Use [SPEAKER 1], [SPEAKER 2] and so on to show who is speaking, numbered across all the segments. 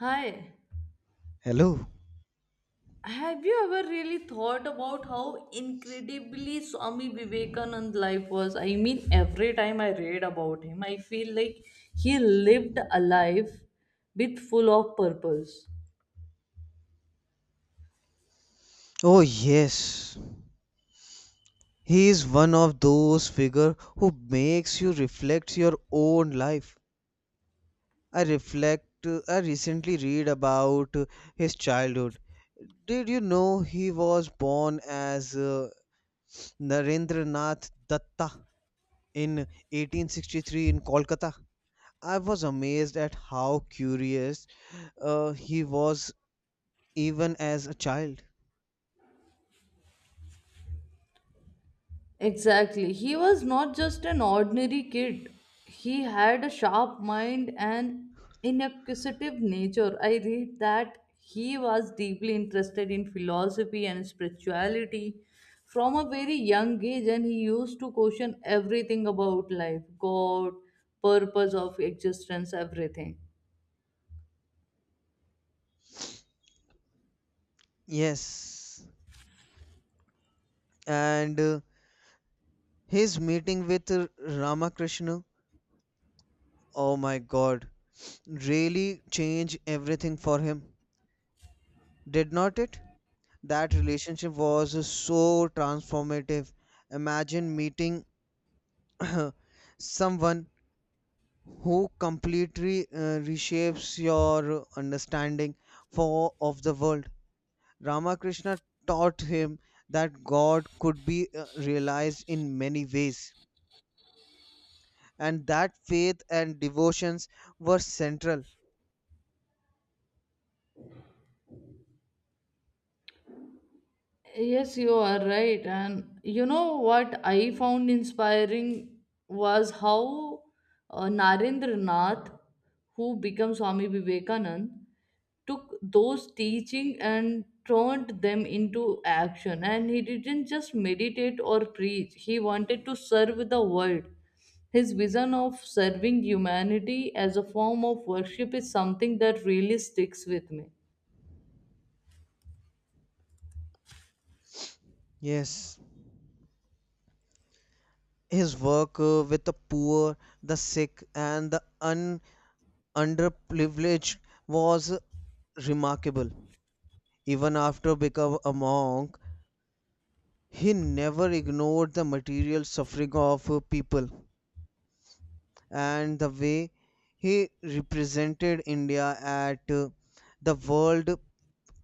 [SPEAKER 1] Hi,
[SPEAKER 2] Hello.
[SPEAKER 1] have you ever really thought about how incredibly Swami Vivekananda's life was? I mean, every time I read about him, I feel like he lived a life with full of purpose.
[SPEAKER 2] Oh yes. He is one of those figure who makes you reflect your own life. I reflect I recently read about his childhood. Did you know he was born as Narendranath Datta in 1863 in Kolkata? I was amazed at how curious he was even as a child.
[SPEAKER 1] Exactly. He was not just an ordinary kid. He had a sharp mind and an inquisitive nature. I read that he was deeply interested in philosophy and spirituality from a very young age and he used to question everything about life, God, purpose of existence, everything.
[SPEAKER 2] Yes. And His meeting with Ramakrishna, oh my god, really changed everything for him, did not it? That relationship was so transformative. Imagine meeting someone who completely reshapes your understanding for of the world. Ramakrishna taught him that God could be realized in many ways, and that faith and devotions were central.
[SPEAKER 1] Yes, you are right. And you know what I found inspiring was how Narendra Nath, who became Swami Vivekanand, took those teaching and turned them into action. And he didn't just meditate or preach, he wanted to serve the world. His vision of serving humanity as a form of worship is something that really sticks with me.
[SPEAKER 2] Yes, his work with the poor, the sick, and the underprivileged was remarkable. Even after becoming a monk, he never ignored the material suffering of people, and the way he represented India at the World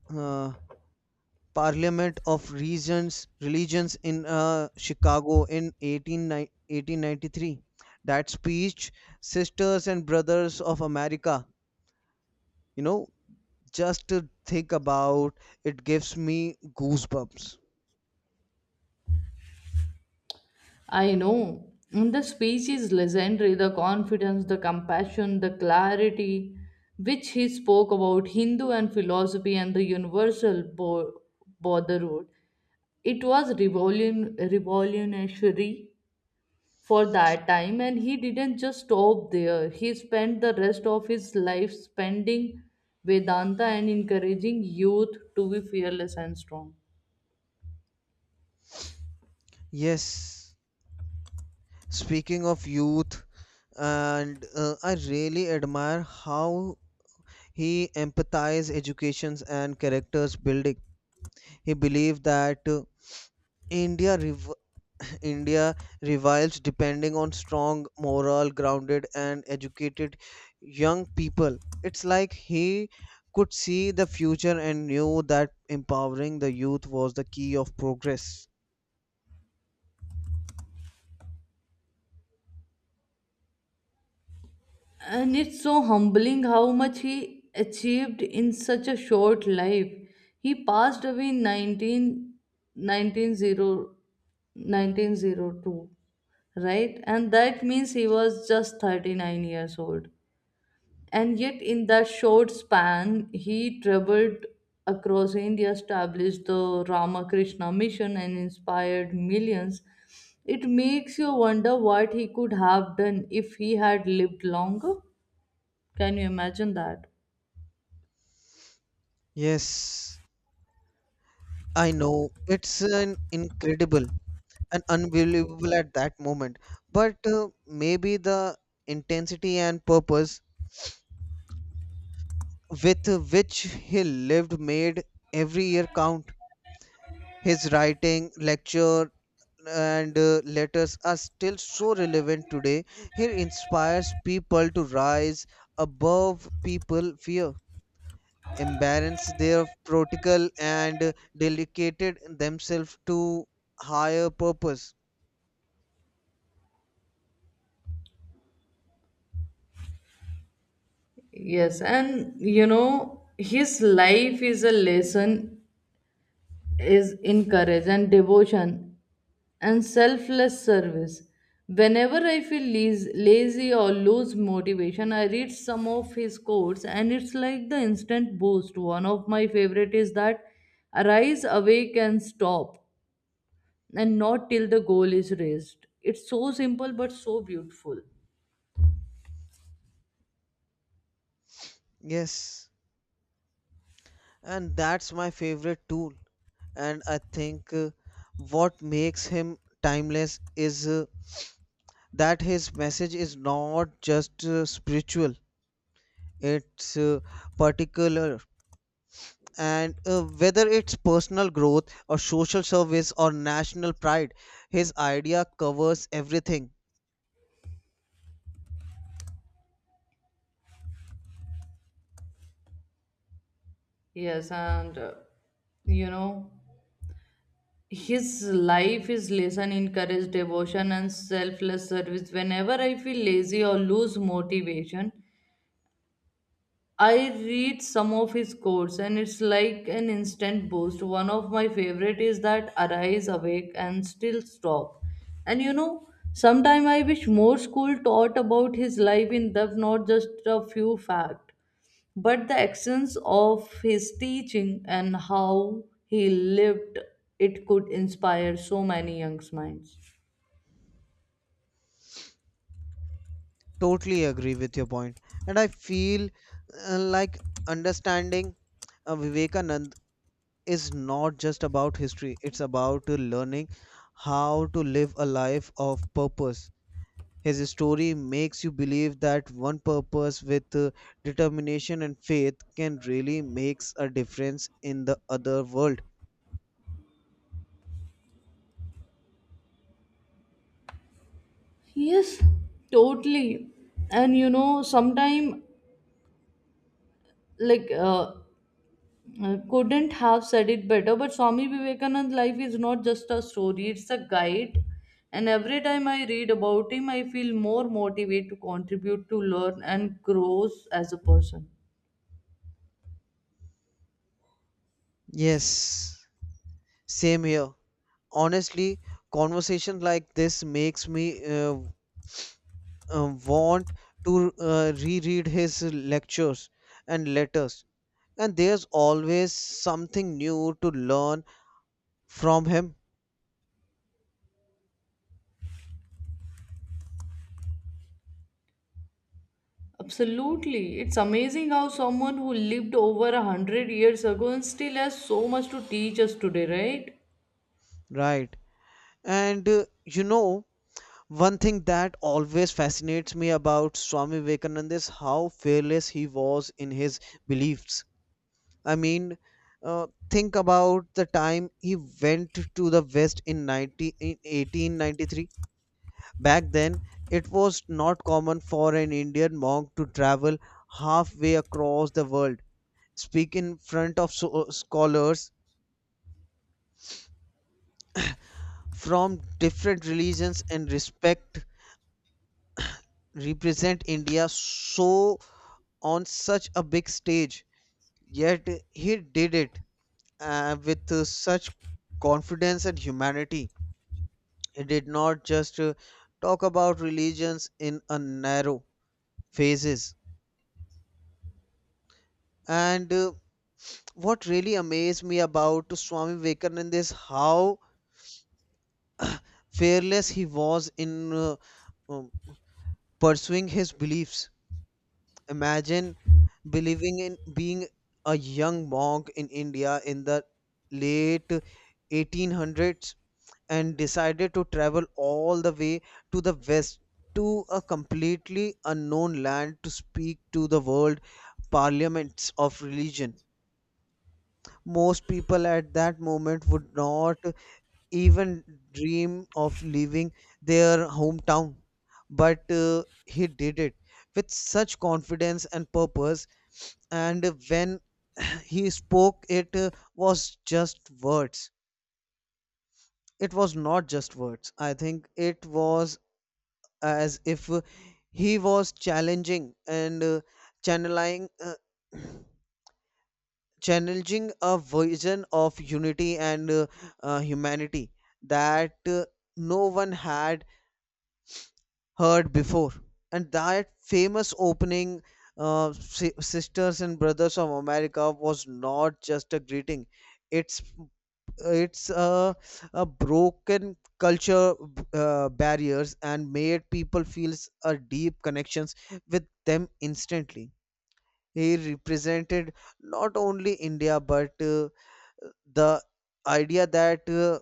[SPEAKER 2] uh, Parliament of Regions Religions in Chicago in 1893. That speech, Sisters and Brothers of America, you know, just to think about it gives me goosebumps.
[SPEAKER 1] I know. And the speech is legendary, the confidence, the compassion, the clarity which he spoke about Hindu and philosophy and the universal brotherhood. It was revolutionary for that time, and he didn't just stop there. He spent the rest of his life spending Vedanta and encouraging youth to be fearless and strong.
[SPEAKER 2] Yes, speaking of youth, and I really admire how he empathized educations and characters building. He believed that India rev- India revives depending on strong, moral, grounded, and educated young people. It's like he could see the future and knew that empowering the youth was the key of progress.
[SPEAKER 1] And it's so humbling how much he achieved in such a short life. He passed away in 19, nineteen hundred 1902, right? And that means he was just 39 years old. And yet, in that short span, he traveled across India, established the Ramakrishna Mission, and inspired millions. It makes you wonder what he could have done if he had lived longer. Can you imagine that?
[SPEAKER 2] Yes, I know. It's an incredible and unbelievable at that moment. But maybe the intensity and purpose with which he lived made every year count. His writing, lecture, and letters are still so relevant today. He inspires people to rise above people fear, embarrass their protocol, and dedicated themselves to higher purpose.
[SPEAKER 1] Yes, and you know, his life is a lesson is in courage and devotion and selfless service. Whenever I feel lazy or lose motivation, I read some of his quotes and it's like the instant boost. One of my favorite is that arise, awake, and stop, and not till the goal is reached. It's so simple but so beautiful.
[SPEAKER 2] Yes, and that's my favorite tool. And I think what makes him timeless is that his message is not just spiritual; it's particular, and whether it's personal growth or social service or national pride, his idea covers everything.
[SPEAKER 1] Yes, and you know. his life, his lesson encouraged devotion and selfless service. Whenever I feel lazy or lose motivation, I read some of his quotes and it's like an instant boost. One of my favorite is that arise, awake, and still stop. And you know, sometime I wish more school taught about his life in depth, not just a few facts but the essence of his teaching and how he lived it could inspire so many young minds.
[SPEAKER 2] Totally agree with your point. And I feel like understanding Vivekanand is not just about history. It's about learning how to live a life of purpose. His story makes you believe that one purpose with determination and faith can really makes a difference in the other world.
[SPEAKER 1] Yes, totally. And you know, sometime like couldn't have said it better but Swami Vivekanand life is not just a story, it's a guide. And every time I read about him I feel more motivated to contribute, to learn, and grow as a person.
[SPEAKER 2] Yes, same here. Honestly, conversation like this makes me want to reread his lectures and letters. And there's always something new to learn from him,
[SPEAKER 1] Absolutely. It's amazing how someone who lived over 100 years ago and still has so much to teach us today, right?
[SPEAKER 2] right? And you know, one thing that always fascinates me about Swami Vivekananda is how fearless he was in his beliefs. I mean, think about the time he went to the West in 1893. Back then, it was not common for an Indian monk to travel halfway across the world, speak in front of scholars from different religions, and respect represent India so on such a big stage. Yet he did it with such confidence and humanity. He did not just talk about religions in a narrow phases. And what really amazed me about Swami Vivekananda is how fearless he was in um, pursuing his beliefs. Imagine believing in being a young monk in India in the late 1800s and decided to travel all the way to the west to a completely unknown land to speak to the world parliaments of religion. Most people at that moment would not even dream of leaving their hometown, but he did it with such confidence and purpose. And when he spoke, it was not just words. I think it was as if he was challenging and channeling challenging a vision of unity and humanity that no one had heard before. And that famous opening, sisters and brothers of america, was not just a greeting. it it's a, a broken culture barriers and made people feels a deep connections with them instantly. He represented not only india but the idea that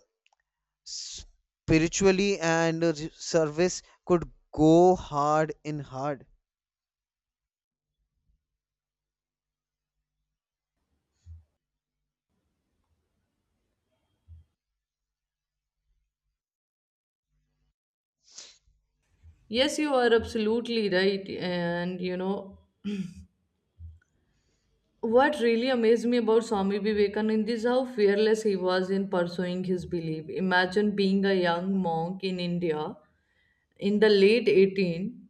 [SPEAKER 2] spiritually and service could go hard in hard.
[SPEAKER 1] Yes, you are absolutely right. And you know, what really amazed me about Swami Vivekananda is how fearless he was in pursuing his belief. Imagine being a young monk in India in the late 18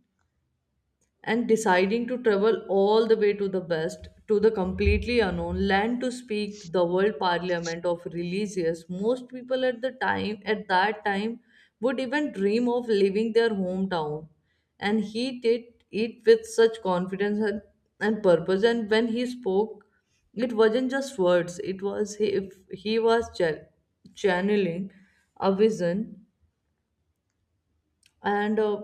[SPEAKER 1] and deciding to travel all the way to the west, to the completely unknown land, to speak to the world parliament of religious most people at the time, at that time, would even dream of leaving their hometown, and he did it with such confidence and purpose. And when he spoke it wasn't just words, it was if he was channeling a vision, and uh,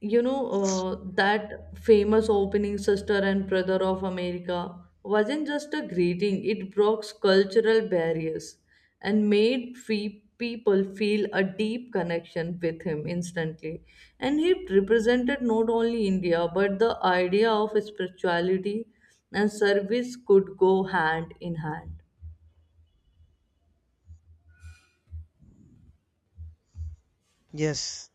[SPEAKER 1] you know uh, that famous opening sister and brother of America wasn't just a greeting, it broke cultural barriers and made people feel a deep connection with him instantly. And he represented not only India but the idea of spirituality and service could go hand in hand.
[SPEAKER 2] Yes,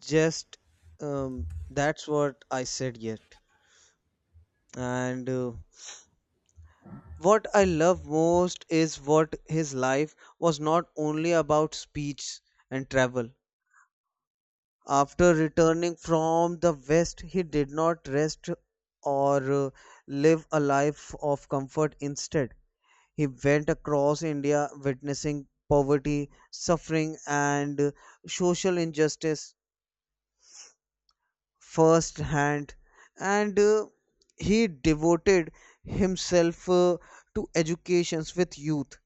[SPEAKER 2] just that's what I said yet. And what I love most is what his life was not only about speech and travel. After returning from the West, he did not rest or live a life of comfort. Instead, he went across India witnessing poverty, suffering, and social injustice firsthand. And he devoted himself to educations with youth,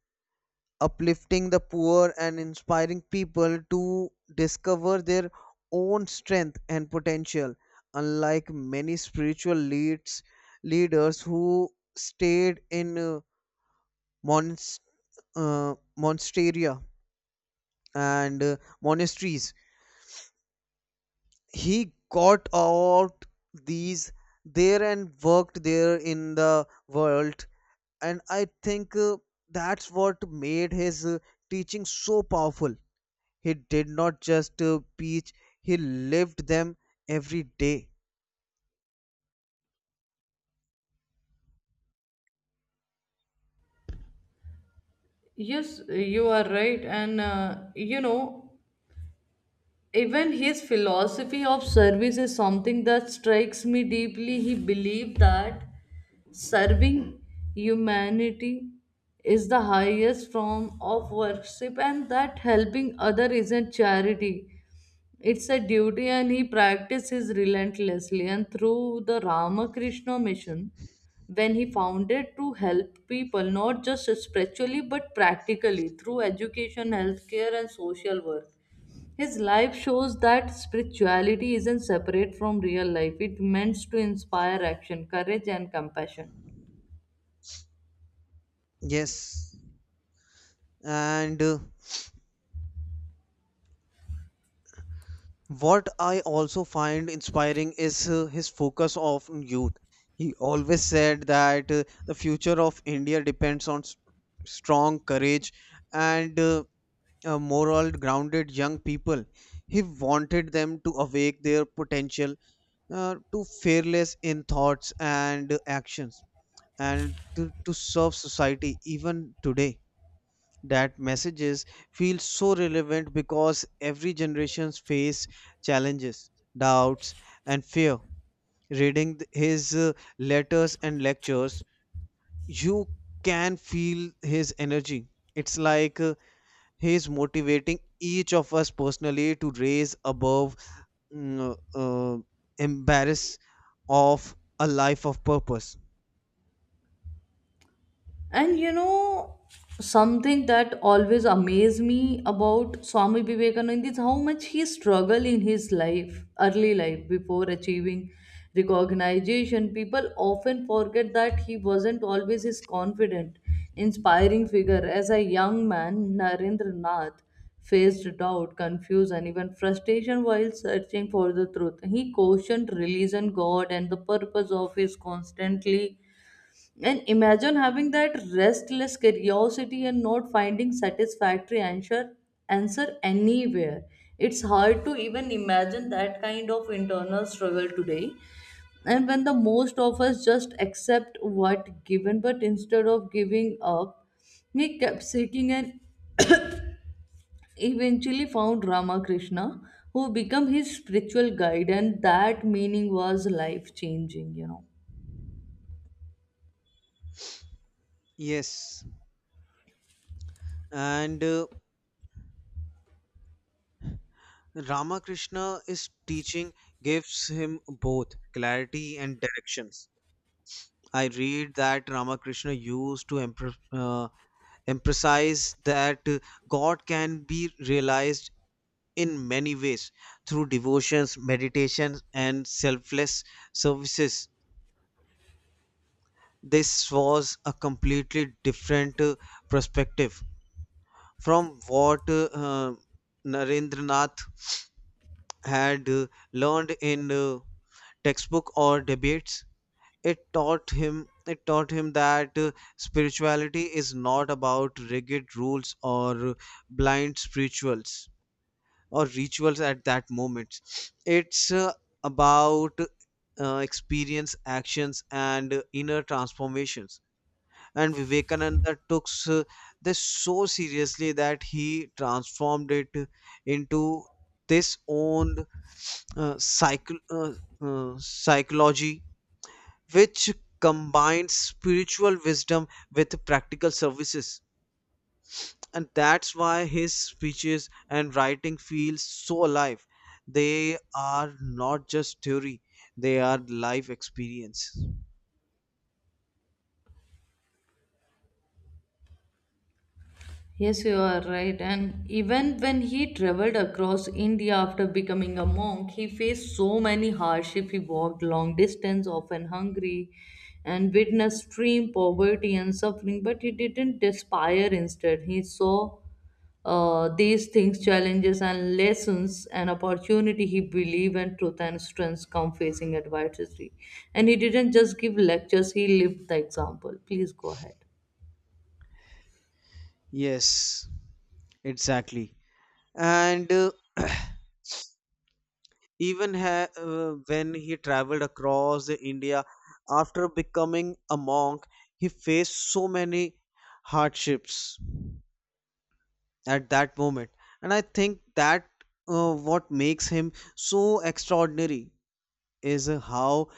[SPEAKER 2] uplifting the poor, and inspiring people to discover their own strength and potential, unlike many spiritual leads leaders who stayed in monst- monasteria and monasteries. He got out these there and worked there in the world. And I think that's what made his teaching so powerful. He did not just preach, he lived them every day.
[SPEAKER 1] Yes, you are right. And you know, even his philosophy of service is something that strikes me deeply. He believed that serving humanity is the highest form of worship and that helping other isn't charity, it's a duty, and he practices relentlessly, and through the Ramakrishna Mission when he founded to help people not just spiritually but practically, through education, healthcare, and social work. His life shows that spirituality isn't separate from real life. It meant to inspire action, courage, and compassion.
[SPEAKER 2] Yes. And what I also find inspiring is his focus on youth. He always said that the future of India depends on strong courage and moral grounded young people. He wanted them to awake their potential, to fearless in thoughts and actions, and to serve society. Even today, that messages feel so relevant because every generation's face challenges, doubts, and fear. Reading his letters and lectures, you can feel his energy. It's like he's motivating each of us personally to raise above mm, uh, uh, embarrass of a life of purpose.
[SPEAKER 1] And you know, something that always amazed me about Swami Vivekananda is how much he struggled in his life, early life, before achieving recognition. People often forget that he wasn't always his confident, inspiring figure. As a young man, Narendra Nath faced doubt, confusion, even frustration while searching for the truth. He questioned religion, God, and the purpose of his constantly, and imagine having that restless curiosity and not finding satisfactory answer anywhere. It's hard to even imagine that kind of internal struggle today. And when the most of us just accept what given, but instead of giving up, he kept seeking and eventually found Ramakrishna, who became his spiritual guide, and that meaning was life changing.
[SPEAKER 2] Yes, and Ramakrishna is teaching gives him both clarity and directions. I read that Ramakrishna used to emphasize that God can be realized in many ways through devotions, meditations, and selfless services. This was a completely different perspective from what Narendranath had learned in textbook or debates. It taught him that spirituality is not about rigid rules or blind spirituals or rituals at that moment. It's about experience actions and inner transformations. And Vivekananda took this so seriously that he transformed it into this own uh, psycho- uh, psychology, which combines spiritual wisdom with practical services. And that's why his speeches and writing feel so alive. They are not just theory, they are life experience.
[SPEAKER 1] Yes, you are right. And even when he traveled across India after becoming a monk, he faced so many hardships. He walked long distance, often hungry, and witnessed extreme poverty and suffering. But he didn't despair. Instead, he saw these things, challenges, and lessons and opportunity. He believed in truth and strength come facing adversity. And he didn't just give lectures. He lived the example. Please go ahead.
[SPEAKER 2] Yes, exactly. And even ha- when he traveled across the india after becoming a monk, he faced so many hardships at that moment. And I think that what makes him so extraordinary is how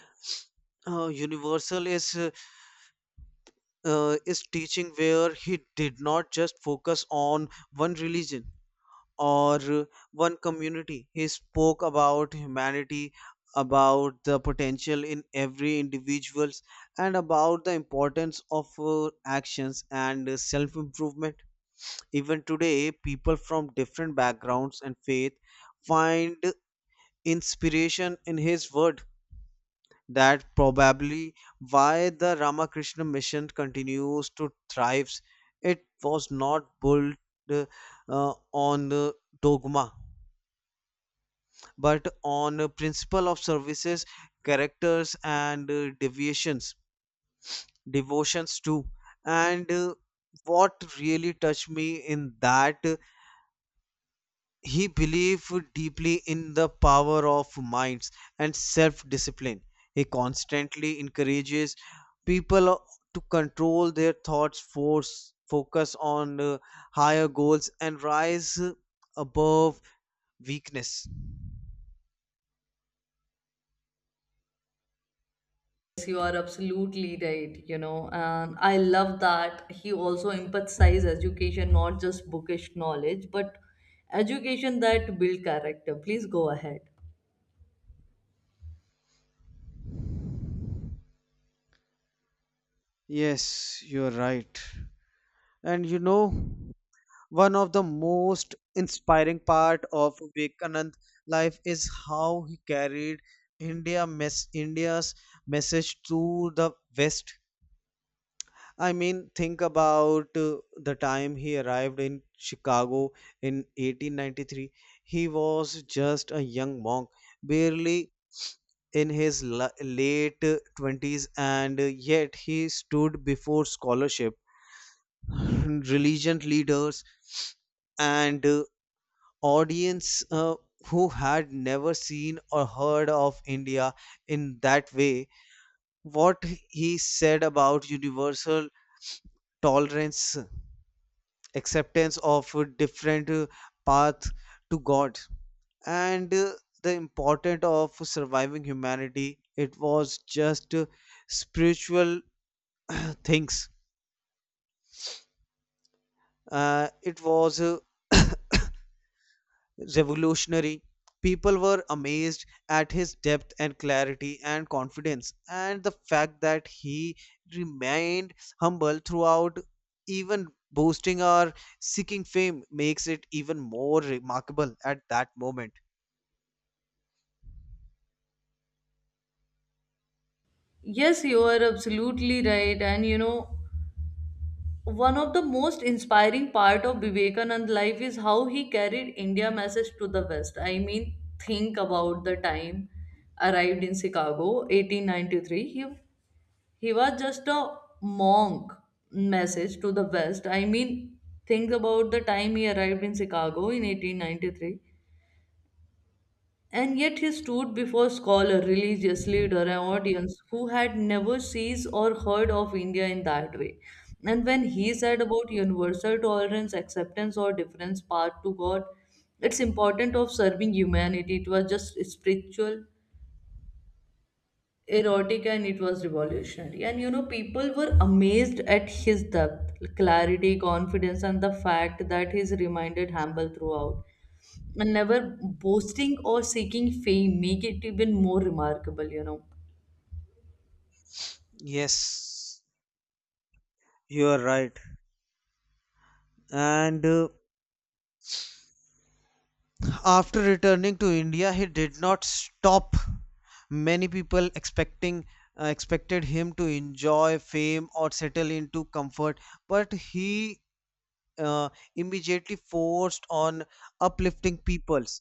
[SPEAKER 2] universal is teaching, where he did not just focus on one religion or one community. He spoke about humanity, about the potential in every individuals, and about the importance of actions and self improvement. Even today, people from different backgrounds and faith find inspiration in his word. That probably why the Ramakrishna mission continues to thrive. It was not built uh, on dogma, but on a principle of services, characters, and devotions too. And what really touched me in that, he believed deeply in the power of minds and self discipline. He constantly encourages people to control their thoughts, force, focus on higher goals, and rise above weakness.
[SPEAKER 1] Yes, you are absolutely right, and I love that he also emphasizes education, not just bookish knowledge, but education that build character. Please go ahead.
[SPEAKER 2] Yes, you're right. And you know, one of the most inspiring part of Vivekanand life is how he carried India's message to the West. I mean, think about the time he arrived in Chicago in 1893. He was just a young monk, barely in his late 20s, and yet he stood before scholarship, religion leaders, and audience who had never seen or heard of India in that way. What he said about universal tolerance, acceptance of different path to god, and the importance of surviving humanity, it was just spiritual things. It was revolutionary. People were amazed at his depth and clarity and confidence, and the fact that he remained humble throughout, even boasting or seeking fame, makes it even more remarkable at that moment.
[SPEAKER 1] Yes, you are absolutely right. And you know, one of the most inspiring part of Vivekanand life is how he carried India message to the West. I mean, think about the time arrived in Chicago, 1893. He was just a monk message to the West. I mean, think about the time he arrived in Chicago in 1893. And yet he stood before scholar, religious leader, and audience who had never seen or heard of India in that way. And when he said about universal tolerance, acceptance, or difference, path to God, it's important of serving humanity. It was just spiritual erotic and it was revolutionary. And you know, people were amazed at his depth, clarity, confidence, and the fact that he's reminded humble throughout. And never boasting or seeking fame make it even more remarkable.
[SPEAKER 2] Yes, you are right. And after returning to India, he did not stop. Many people expecting expected him to enjoy fame or settle into comfort, but he uh, immediately forced on uplifting peoples.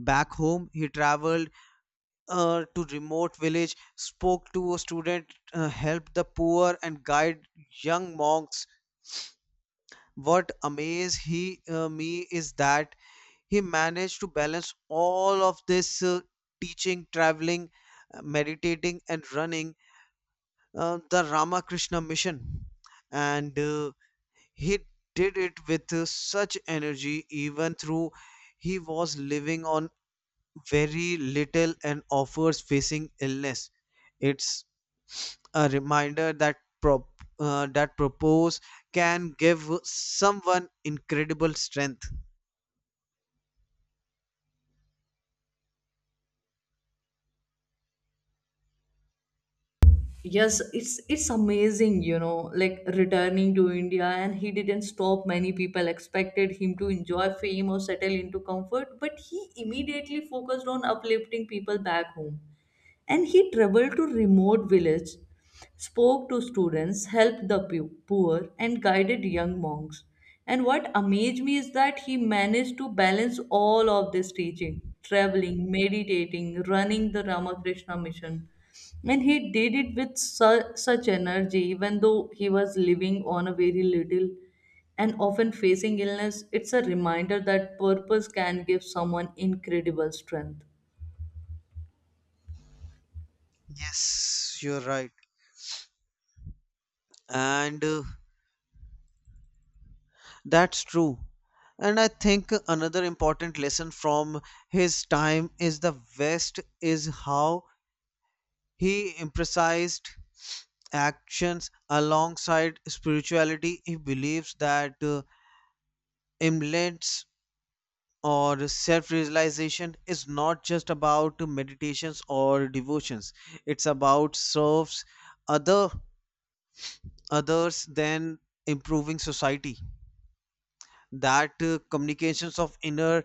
[SPEAKER 2] Back home, he traveled to remote village, spoke to a student, helped the poor, and guide young monks. What amaze he me is that he managed to balance all of this teaching, traveling, meditating, and running the Ramakrishna mission. And he did it with such energy, even through he was living on very little and offers facing illness. It's a reminder that prop, propose can give someone incredible strength.
[SPEAKER 1] Yes, it's amazing, you know, like returning to India and he didn't stop. Many people expected him to enjoy fame or settle into comfort, but he immediately focused on uplifting people back home, and he traveled to remote villages, spoke to students, helped the poor, and guided young monks. And what amazed me is that he managed to balance all of this teaching, traveling, meditating, running the Ramakrishna mission. And he did it with such energy, even though he was living on a very little and often facing illness. It's a reminder that purpose can give someone incredible strength.
[SPEAKER 2] Yes, you're right. And that's true. And I think another important lesson from his time is the West is how he emphasized actions alongside spirituality. He believes that imlets or self realization is not just about meditations or devotions, it's about serves other others than improving society. That communications of inner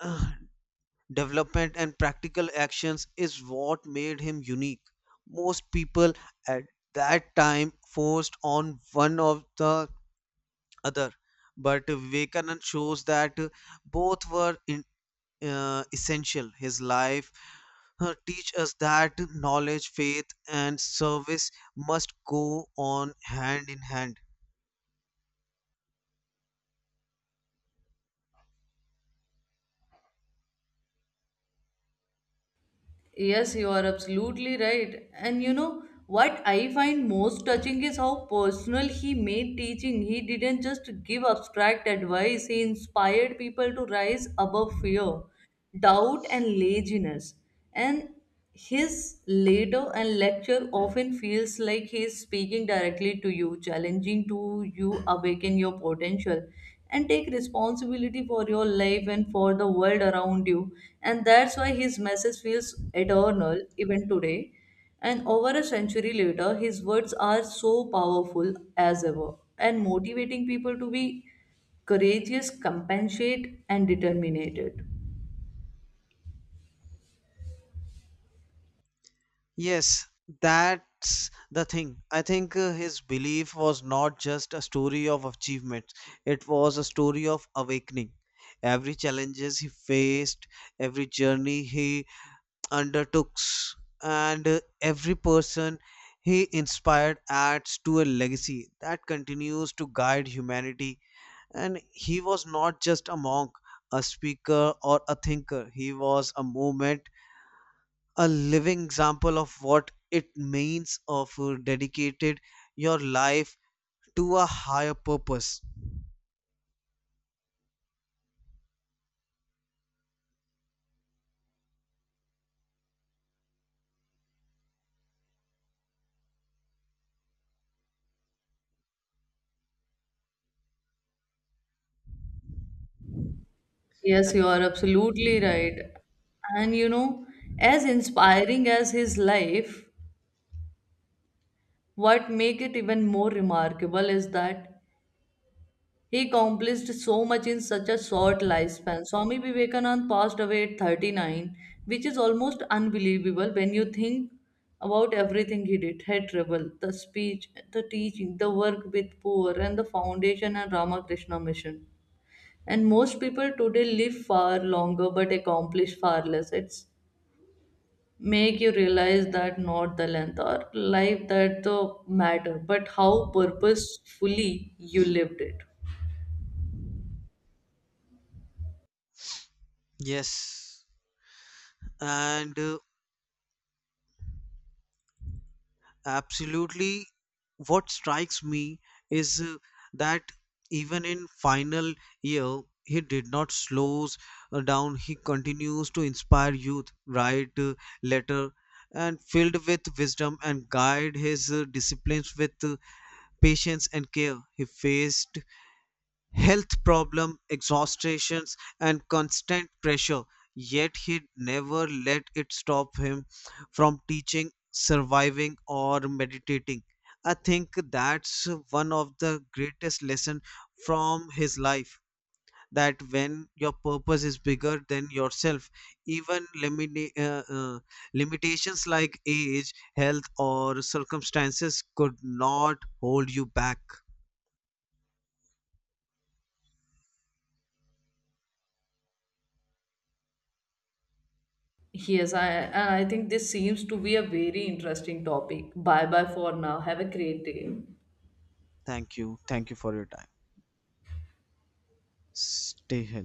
[SPEAKER 2] uh, development and practical actions is what made him unique. Most people at that time forced on one of the other, but Vivekanand shows that both were essential. His life teach us that knowledge, faith, and service must go on hand in hand.
[SPEAKER 1] Yes, you are absolutely right. And you know what I find most touching is how personal he made teaching. He didn't just give abstract advice, he inspired people to rise above fear, doubt, and laziness. And his later and lecture often feels like he is speaking directly to you, challenging to you awaken your potential and take responsibility for your life and for the world around you. And that's why his message feels eternal even today. And over a century later, his words are so powerful as ever and motivating people to be courageous, compassionate, and determined.
[SPEAKER 2] Yes, that's the thing. I think his belief was not just a story of achievements, it was a story of awakening. Every challenges he faced, every journey he undertook, and every person he inspired adds to a legacy that continues to guide humanity. And he was not just a monk, a speaker, or a thinker. He was a movement, a living example of what it means of dedicated your life to a higher purpose.
[SPEAKER 1] Yes, you are absolutely right. And you know, as inspiring as his life, what make it even more remarkable is that he accomplished so much in such a short lifespan. Swami Vivekananda passed away at 39, which is almost unbelievable when you think about everything he did, head travel, the speech, the teaching, the work with poor, and the foundation and Ramakrishna mission. And most people today live far longer but accomplish far less. It's make you realize that not the length or life that the matter but how purposefully you lived it.
[SPEAKER 2] Yes, and absolutely, what strikes me is that even in final year, he did not slows down. He continues to inspire youth, write letter and filled with wisdom, and guide his disciplines with patience and care. He faced health problem, exhaustations, and constant pressure. Yet he never let it stop him from teaching, surviving, or meditating. I think that's one of the greatest lessons from his life. That when your purpose is bigger than yourself, even limitations like age, health, or circumstances could not hold you back.
[SPEAKER 1] Yes, I and I think this seems to be a very interesting topic. Bye bye for now, have a great day.
[SPEAKER 2] Thank you. Thank you for your time. Stay healthy.